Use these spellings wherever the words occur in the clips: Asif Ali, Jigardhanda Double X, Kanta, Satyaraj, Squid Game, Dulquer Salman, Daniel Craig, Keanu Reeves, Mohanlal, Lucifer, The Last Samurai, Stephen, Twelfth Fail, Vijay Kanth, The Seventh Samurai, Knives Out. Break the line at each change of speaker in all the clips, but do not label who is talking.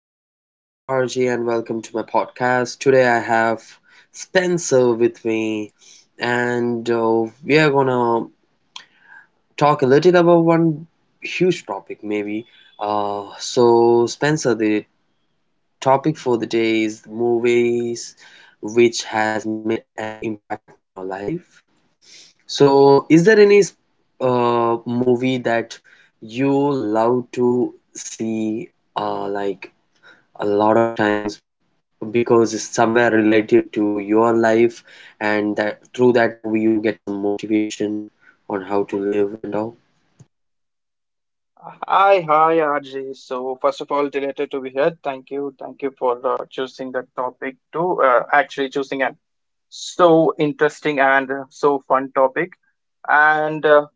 My name is RJ and welcome to my podcast. Today I have Spencer with me and we are gonna talk a little about one huge topic maybe. So Spencer, the topic for the day is movies which has made an impact in your life. So is there any movie that you love to see like a lot of times because it's somewhere related to your life and that through that movie you get some motivation on how to live and all?
Hi, hi, RJ. So, first of all, delighted to be here. Thank you. Thank you for choosing the topic to actually, choosing an so interesting and so fun topic. And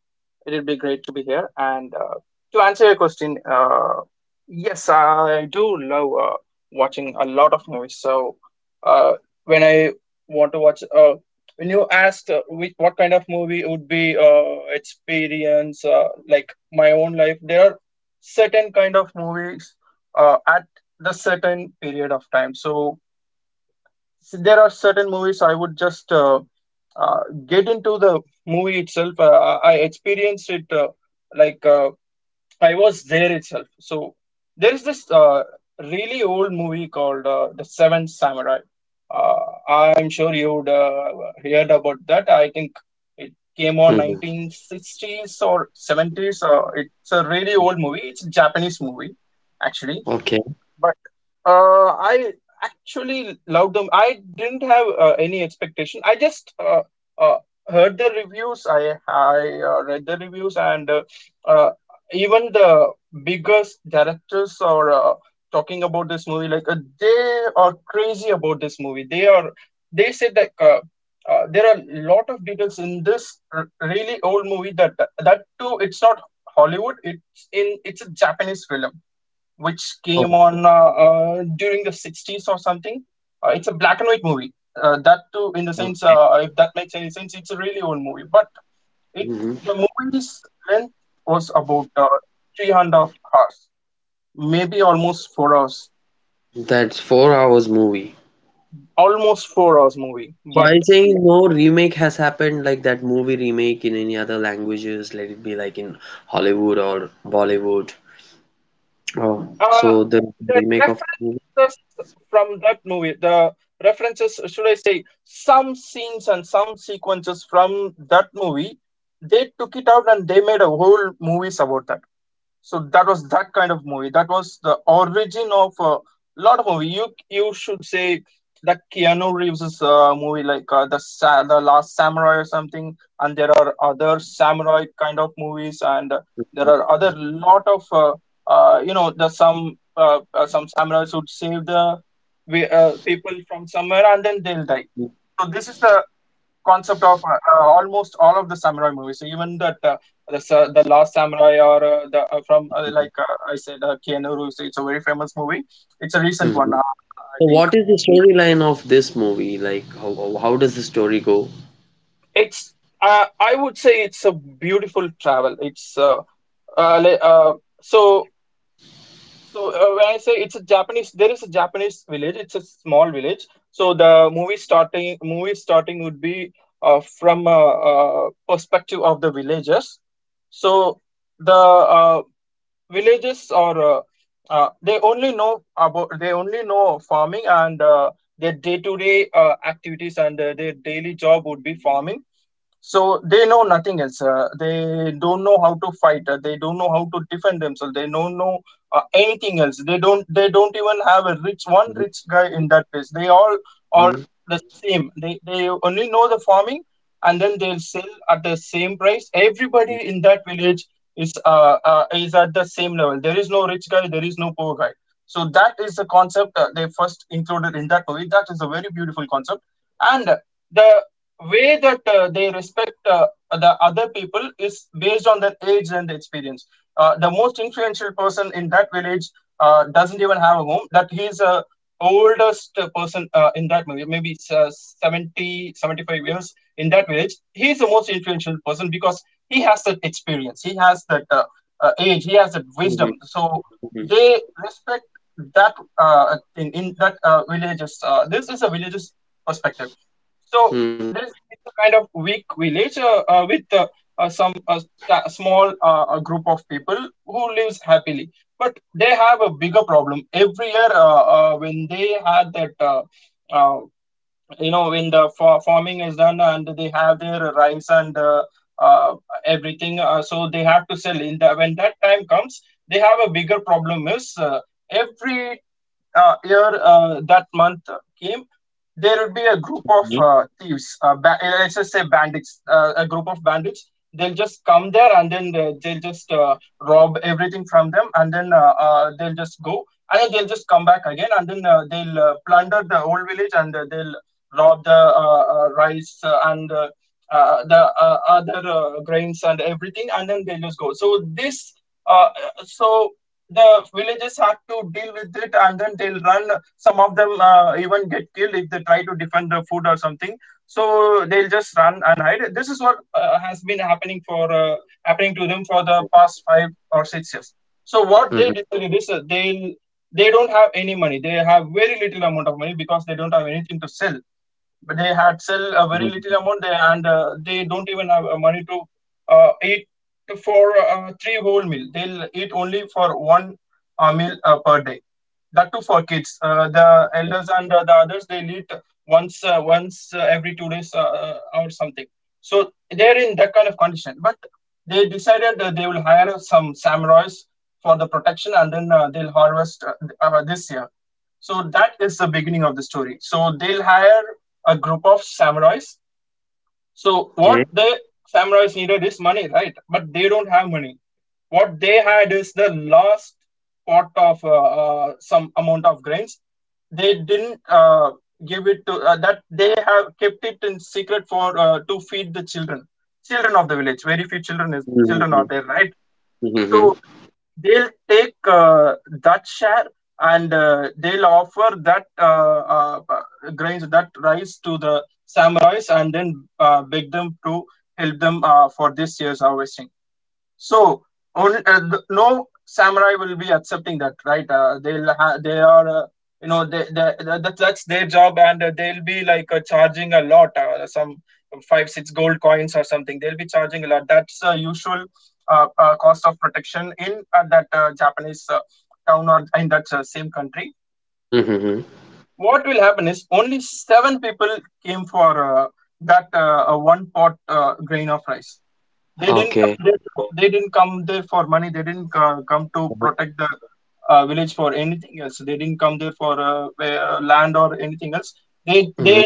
it'll be great to be here. And to answer your question, yes, I do love watching a lot of movies. So uh, when I want to watch, when you asked what kind of movie would be experience, like my own life, there are certain kind of movies at the certain period of time. So there are certain movies I would just uh, get into the movie itself. I experienced it like uh, I was there itself. So there is this really old movie called The Seventh Samurai. Uh, I'm sure you'd heard about that. I think it came on
Hmm.
1960s or 70s. It's a really old movie. It's a Japanese movie, actually,
Okay.
but I actually loved them. I didn't have any expectation. I just uh, heard the reviews. I read the reviews, and uh, even the biggest directors are talking about this movie. Like they are crazy about this movie. They are. They said that. There are a lot of details in this really old movie that that too it's not Hollywood, it's in, it's a Japanese film which
Oh.
came on during the 60s or something. It's a black and white movie. That too, in the sense, if that makes any sense, it's a really old movie. But it,
Hmm.
the movie's length was about three and a half hours, maybe almost 4 hours.
That's
So
4 hours movie.
almost 4 hours movie.
So I
But
think no remake has happened like that movie remake in any other languages, let it be like in Hollywood or Bollywood. Oh,
Uh,
so the
the
remake of the movie.
references from that movie, the references, should I say, some scenes and some sequences from that movie, they took it out and they made a whole movies about that. So that was that kind of movie. That was the origin of a lot of movie, you should say, that keanu reeves's movie like the the last samurai or something. And there are other samurai kind of movies and there are other lot of you know, the some samurais would save the people from somewhere and then they'll die. So this is the concept of almost all of the samurai movies. So even that the the Last Samurai or the from I said, Keanu Reeves. It's a very famous movie. It's a recent
Mhm.
one,
So
I think.
what is the storyline of this movie? Like how does the story go?
It's I would say it's a beautiful travel. It's uh, le- uh so. When I say it's a Japanese, there is a Japanese village. It's a small village. So the movie starting, movie starting would be from a, uh, perspective of the villagers. So the villagers are they only know about, they only know farming and their day-to-day activities and their daily job would be farming. So they know nothing else. They don't know how to fight. They don't know how to defend themselves. They don't know anything else. They don't. They don't even have a rich, one rich guy in that place. They all are
Mhm.
the same. They only know the farming, and then they'll sell at the same price. Everybody in that village is, is at the same level. There is no rich guy. There is no poor guy. So that is the concept they first included in that movie. That is a very beautiful concept, and the way that they respect the other people is based on their age and experience. The most influential person in that village doesn't even have a home. That he's a oldest person in that movie, maybe it's, 70, 75 years in that village. He's the most influential person because he has that experience. He has that age. He has that wisdom.
Mhm,
So
mhm,
they respect that in that villages. This is a village's perspective. So
mhm,
there's, it's a kind of weak village with small group of people who lives happily, but they have a bigger problem every year when they had that uh, you know, when the farming is done and they have their rice and uh, everything, so they have to sell in the, when that time comes, they have a bigger problem is every year, that month came, there would be a group of
mhm,
thieves, let's just say bandits, a group of bandits. They'll just come there, and then they'll just rob everything from them and then they'll just go, and then they'll just come back again and then they'll plunder the whole village and they'll rob the rice and the other grains and everything, and then they just go. So the villagers have to deal with it, and then they'll run. Some of them even get killed if they try to defend the food or something. So they'll just run and hide. This is what has been happening for happening to them for the past 5 or 6 years. So
mhm.
what they decided is they don't have any money. They have very little amount of money because they don't have anything to sell, but they had sell a
Mhm.
very little amount there, and they don't even have money to eat. For three whole meal, they'll eat only for one meal per day, that too for kids. The elders and the others, they eat once, every 2 days, or something. So they're in that kind of condition, but they decided that they will hire some samurais for the protection, and then they'll harvest this year. So that is the beginning of the story. So they'll hire a group of samurais. So
Okay.
what the samurais needed is money, right? But they don't have money. What they had is the last pot of some amount of grains. They didn't give it to that. They have kept it in secret for to feed the children, children of the village. Very few children is,
Mhm, mhm,
children are there, right?
mhm.
So they'll take that share and they'll offer that grains, that rice to the samurais, and then beg them to help them for this year's harvesting. So only no samurai will be accepting that, right? They are you know, that's their job, and they'll be like charging a lot, some 5 6 gold coins or something. They'll be charging a lot. That's usual cost of protection in that Japanese town or in that same country.
Mhm.
So Mhm. What will happen is only 7 people came for that one pot grain of rice. They didn't
Okay.
come there to. They didn't come there for money. They didn't co- come to protect the village for anything else. They didn't come there for land or anything else. They
Mhm.
they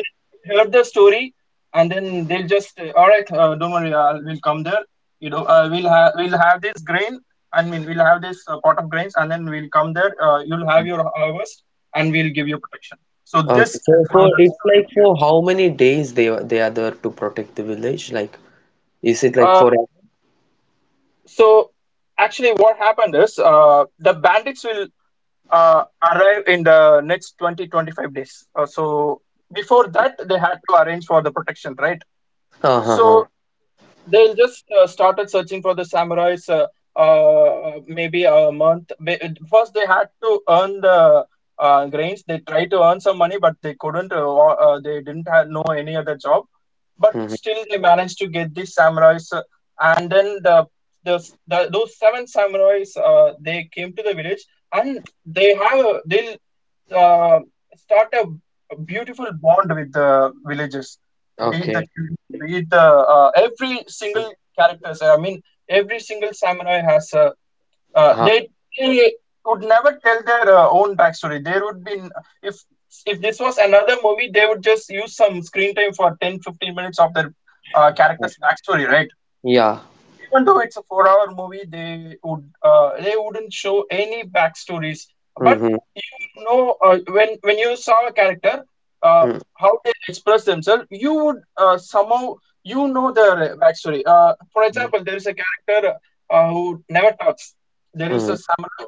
heard the story, and then they'll just say, all right. Don't worry. We'll come there. You know, we'll have this grain. I mean, we'll have this pot of grains, and then we'll come there. You'll have your harvest, and we'll give you protection. So
Okay.
this is
So
how
for
the
it's
story
like
began.
for how many days they are there to protect the village? Like is it like for
Uh, so actually, what happened is the bandits will arrive in the next 20 25 days, so before that they had to arrange for the protection, right?
uh huh, huh.
So they'll just started searching for the samurais. Maybe a month. First, they had to earn the grains. They tried to earn some money, but they couldn't. Or, they didn't have, know any other job. But
Mhm.
still, they managed to get these samurais. And then the, the those 7 samurais they came to the village, and they'll uh, start a beautiful bond with the villagers, be it the
Okay.
children, be it the every single characters. I mean, every single samurai has a. Uh,
Huh.
they they would never tell their own backstory. There would be if if this was another movie, they would just use some screen time for 10 15 minutes of their
Huh.
characters' backstory, right?
Yeah.
So even though it's a four-hour movie, they would they wouldn't show any backstories, but
Mm-hmm.
you would know when you saw a character, uh, how they express themselves. You would somehow you know their backstory. For
Mm-hmm.
example, there is a character who never talks. There is a samurai.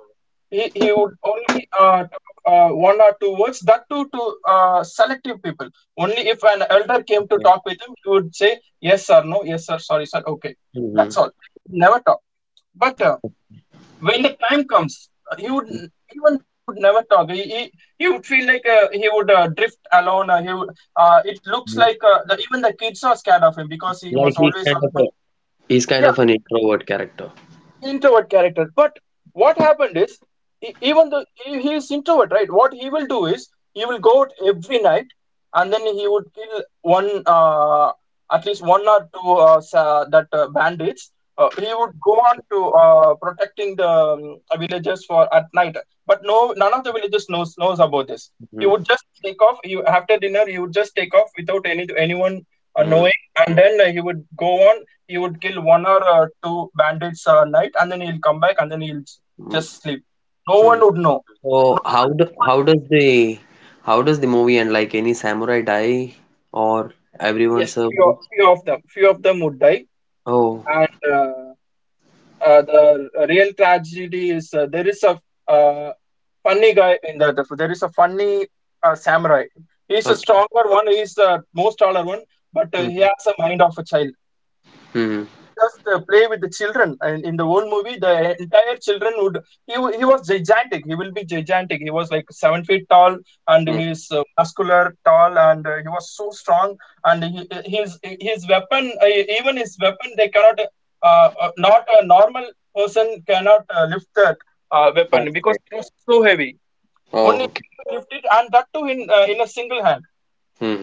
He would only talk one or two words. That too to selective people. Only if an elder came to talk with him, he would say yes sir, no, yes sir, sorry sir, okay,
Mm-hmm.
that's all. He would never talk. But when the time comes, he would, even though he would never talk, he would feel like he would drift alone. It looks
Mm-hmm.
like even the kids are scared of him because he
Like
was always alone.
he's kind of
Yeah,
an
he would.
introvert character.
Introvert character. But what happened is, even though he is introvert, right? What he will do is he will go out every night, and then he would kill at least one or two sa- that bandits. He would go on to protecting the villages for at night, but no, none of the villagers knows about this. He would just take off. You after dinner, he would just take off without any anyone
Mm-hmm.
knowing, and then he would go on, he would kill one or two bandits a night, and then he'll come back, and then
Mm-hmm.
just sleep. No one would know.
So
No one, nobody.
how does the movie end? Like any samurai die or everyone
Yes,
survives?
few of them would die,
Oh,
and the real tragedy is, there is a uh, funny guy in that. There is a funny samurai. He's a
okay.
stronger one. He's the most taller one, but he
Mm-hmm.
has a mind of a child.
Mm-hmm.
He would just play with the children, and in the whole movie the entire children would, he was gigantic, he will be gigantic he was like 7 feet tall, and he's muscular tall, and he was so strong, and his weapon, even his weapon they cannot not a normal person cannot lift that weapon
Okay.
because it was so heavy.
Oh,
Only
okay.
he can lift it, and that too in a single hand.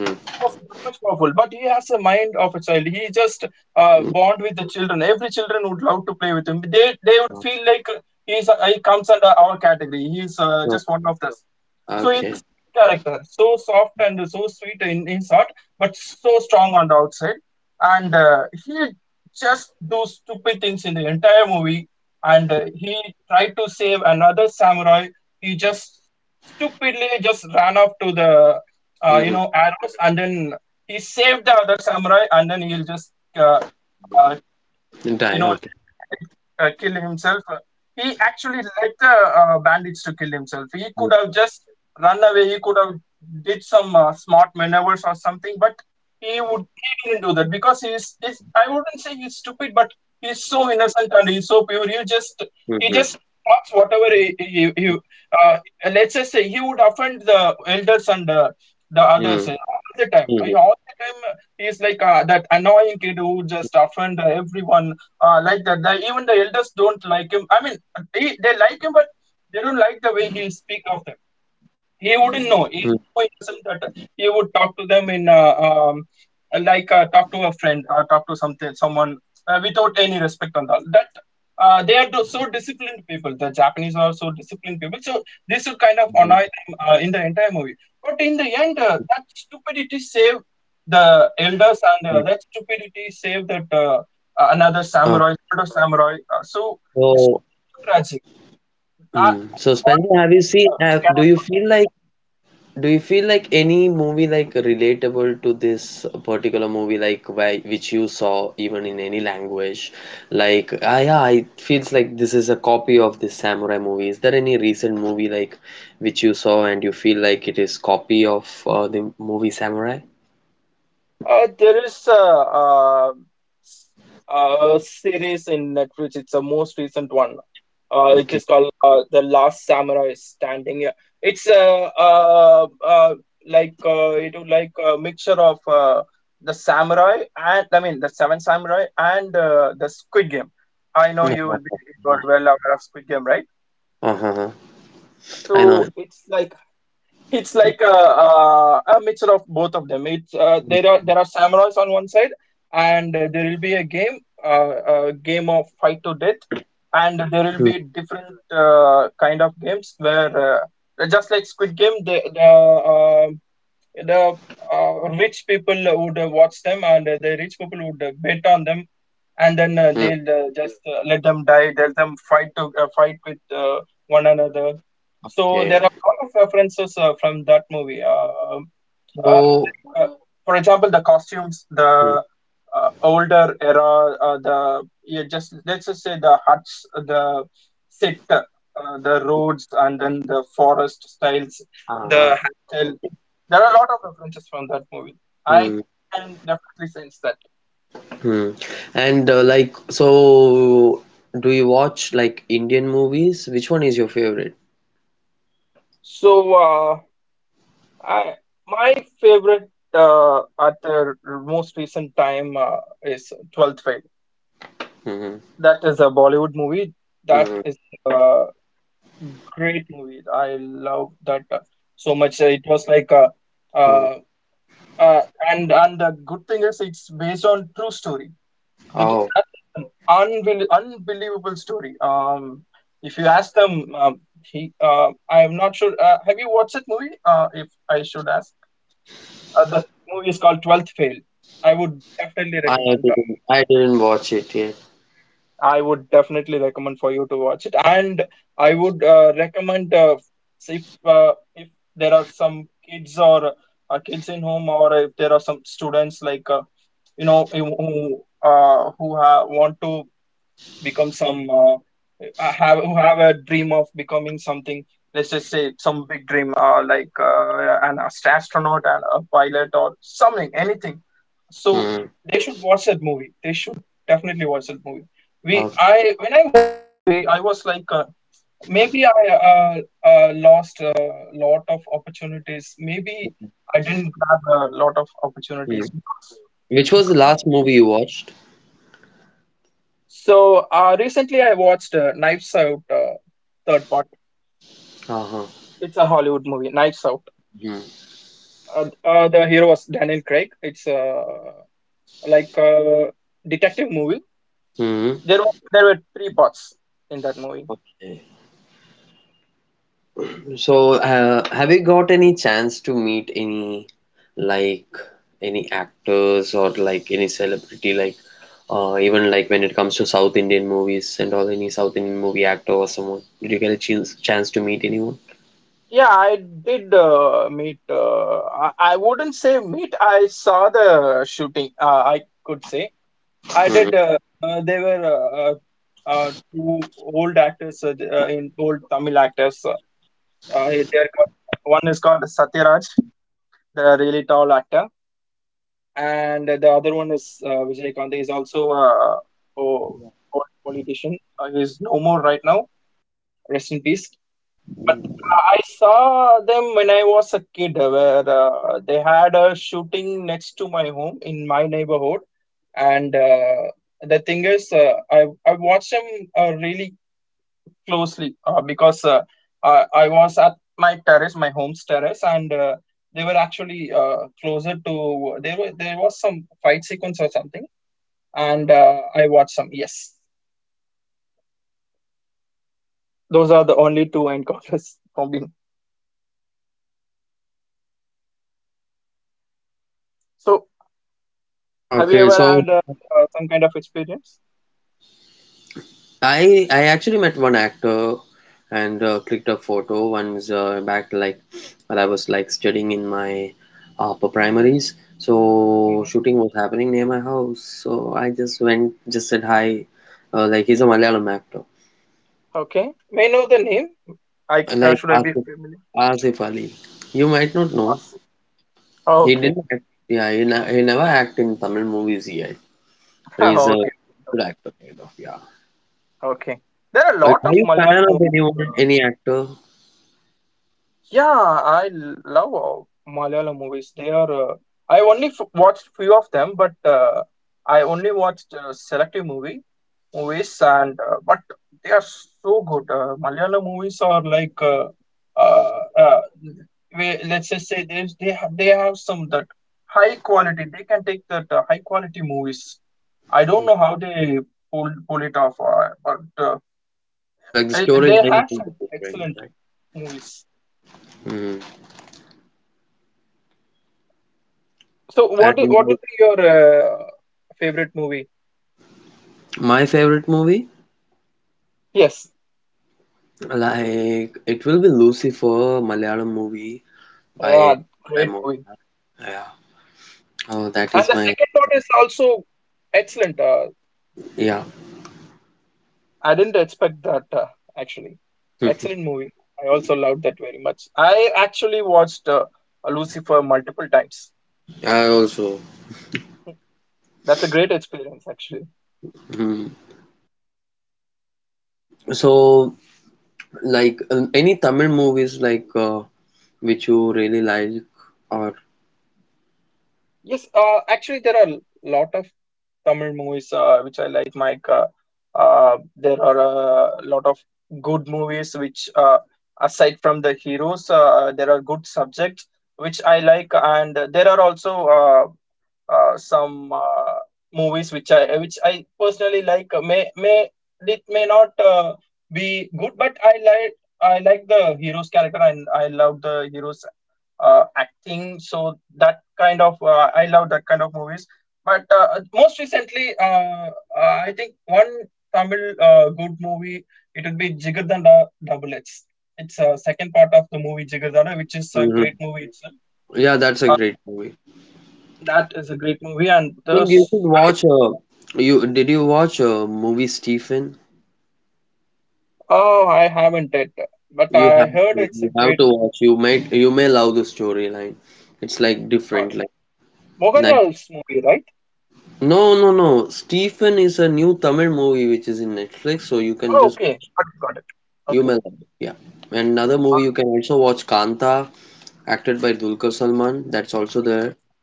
So he was that much powerful, but he has a mind of a child. He just bond with the children. Every children would love to play with him. They would feel like he's he comes under our category. He's just one of us. So he's a
Okay.
sweet character, so soft and so sweet in his heart, but so strong on the outside. And he just do stupid things in the entire movie. And he tried to save another samurai. He just stupidly just ran off to the you
Mm-hmm.
know arrows, and then he saved the other samurai, and then he'll just uh,
Die.
you know, let him
Okay.
let it kill himself. He actually let the bandits to kill himself. He could have
Mm-hmm.
just run away, he could have did some smart maneuvers or something, but he didn't do that because he's, I wouldn't say he's stupid, but he's so innocent and he's so pure. He just he just
Mm-hmm.
talks whatever he uh, let's just say he would offend the elders and the others all the time. He's like that annoying kid who just offend everyone like that. Even the elders don't like him. I mean, they like him, but they don't like the way he speak of them. He wouldn't know.
Mm-hmm.
He's so innocent that he would talk to them in like talk to a friend or talk to something someone without any respect on that. That they are so disciplined people. The Japanese are so disciplined people. So this would kind of annoy them in the entire movie. But in the end, that stupidity saved the elders, and that stupidity saved that another
Uh,
samurai, older samurai. So this
so,
was so tragic.
mm.
That
So
one
Spencer, have you
death
seen?
I
Have, do
cannot
you
forget.
feel like Do you feel like any movie like relatable to this particular movie like why, which you saw even in any language? Like yeah, it feels like this is a copy of this samurai movie. Is there any recent movie like which you saw and you feel like it is copy of the movie Samurai?
There is a, s- A series in Netflix. It's the most recent one. It is
Okay.
called The Last Samurai is Standing. Yeah, it's like it would like a mixture of the samurai, and I mean the Seven Samurai and the Squid Game. I know you will be you are well aware of Squid Game, right?
Uh-huh. I
So
know.
it's like a mixture of both of them. It's there are samurais on one side, and there will be a game of fight to death, and there will be different kind of games where, just like Squid Game, the uh, rich people would watch them, and the rich people would bet on them, and then
Hmm.
they'll just let them die, let them fight to fight with one another. So
Okay.
there are a lot of references from that movie,
So,
like for example, the costumes, the older era, the yeah, just let's just say the huts, the set, the roads, and then the forest styles, the
uh-huh.
hairstyles. There are a lot of references from that movie. I
Hmm.
can definitely sense that.
Hmm. And like, so do you watch like Indian movies? Which one is your favorite?
So, I my favorite at the most recent time is Twelfth Fail.
Hmm.
That is a Bollywood movie. That
Hmm.
is a great movie. I love that so much. It was like
Hmm.
uh, and the good thing is it's based on true story. That
Oh,
that is an unbelievable story. If you ask them, he I am not sure. Have you watched that movie? If I should ask, the movie is called Twelfth Fail. I would definitely
I
recommend.
I didn't watch it yet.
I would definitely recommend for you to watch it, and I would recommend if there are some kids or kids in home, or if there are some students like you know who ha want to become some have who have a dream of becoming something, let's just say some big dream like an astronaut and a pilot or something, anything. So
Hmm.
they should watch that movie, they should definitely watch that movie. We
Okay.
I When I watched that movie, I was like maybe I lost a lot of opportunities, maybe I didn't grab a lot of opportunities because
Which was the
that
last
movie is
movie you watched?
so. Recently I watched Knives Out third part.
Uh-huh.
It's a Hollywood movie, Knives Out.
Hmm.
The hero was Daniel Craig. It's like a detective movie.
Hmm.
There were three parts in that movie.
Okay. So, have you got any chance to meet any like any actors or like any celebrity like even like when it comes to South Indian movies and all any South Indian movie actor or someone? Did you get a chance to meet anyone?
Yeah, I did meet. I wouldn't say meet. I saw the shooting. I could say I
Hmm.
did. They were two old actors, in old Tamil actors. They're called, one is called Satyaraj, the really tall actor, and the other one is Vijay Kanth. He's also a o- old politician. He's no more right now. Rest in peace. But I saw them when I was a kid, where they had a shooting next to my home in my neighborhood, and the thing is, I watched them really closely because I was at my terrace, my home's terrace, and they were actually closer to, there was some fight sequence or something, and I watched some. Yes, those are the only two encounters from me. So, have you
Okay,
ever
so
had some kind of experience?
I actually met one actor and clicked a photo once back like while I was like studying in my upper primaries. So
Hmm.
shooting was happening near my house. So I just went, just said hi. Like he's a Malayalam actor,
Okay, may I know the name? I
like
should I be familiar?
Asif Ali. You might not know.
Vasu.
He
Okay.
didn't act. Yeah, he never act in Tamil movies yet. But he's a
Okay, okay, got
good actor, kind of. Yeah.
it. Okay. There are a
Like,
lot
are
of
you a fan
Malayalam
of
movies.
anyone, any actor?
Yeah, I love Malayalam movies. They are. I only f watched few of them, but I only watched selective movies, and but they are so good. Malayalam movies are like, uh, uh, let's just say they have some that high quality. They can take that high quality movies. I don't know how they pull it off, but
Like the
they
storylines
have
will be
some
different,
excellent
right?
movies.
Mm.
So what
And
what
like
would be your favorite movie?
my favorite movie,
Yes,
like it will be Lucifer, Malayalam movie
yeah,
by by
great
Mo.
movie.
Yeah. Oh, that
And
is
the
my
second part is also excellent.
yeah.
I didn't expect that actually. Excellent movie. I also loved that very much. I actually watched Lucifer multiple times.
I also.
That's a great experience actually.
Mm. So like any Tamil movies like which you really like or.
Yes, actually there are a lot of Tamil movies which I like, like. Uh, there are a lot of good movies which, aside from the heroes, there are good subjects which I like, and there are also uh, some movies which I personally like, may it may not be good, but I like the hero's character, and I love the hero's acting. So that kind of I love that kind of movies. But most recently, I think one Tamil good movie, it would be Jigardhanda Double X. It's a second part of the movie Jigardhanda, which is a great
Mhm.
movie itself.
Yeah, that's a great
Uh,
movie. I
that is a great movie, and
think you
this
should watch.
I,
You Did you watch a movie Stephen?
oh I haven't it, but I heard it's a
You have
great
to
movie.
watch. You may love the storyline. It's like
All
different,
right,
like nice.
Mohanlal's movie, right?
No, no, no. Stephen is a new Tamil movie which is in Netflix, so you can
Oh,
just
okay, got it, got it.
you may
Okay,
love it. Yeah. And another movie
all
you
right.
can also watch Kanta, acted by Dulquer Salman. That's also
Dulquer
there
Salman.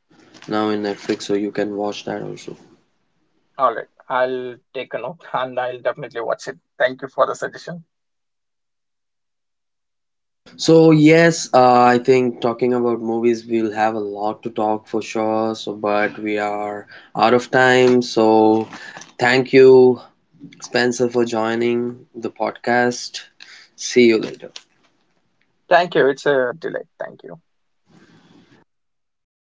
now in Netflix,
Okay,
so you can watch that also.
all right, I'll take a note and I'll definitely watch it. Thank you for the suggestion.
So yes, I think talking about movies, we'll have a lot to talk for sure. So, but we are out of time. So, thank you, Spencer for joining the podcast. See you later.
Thank you, it's a delight. Thank you.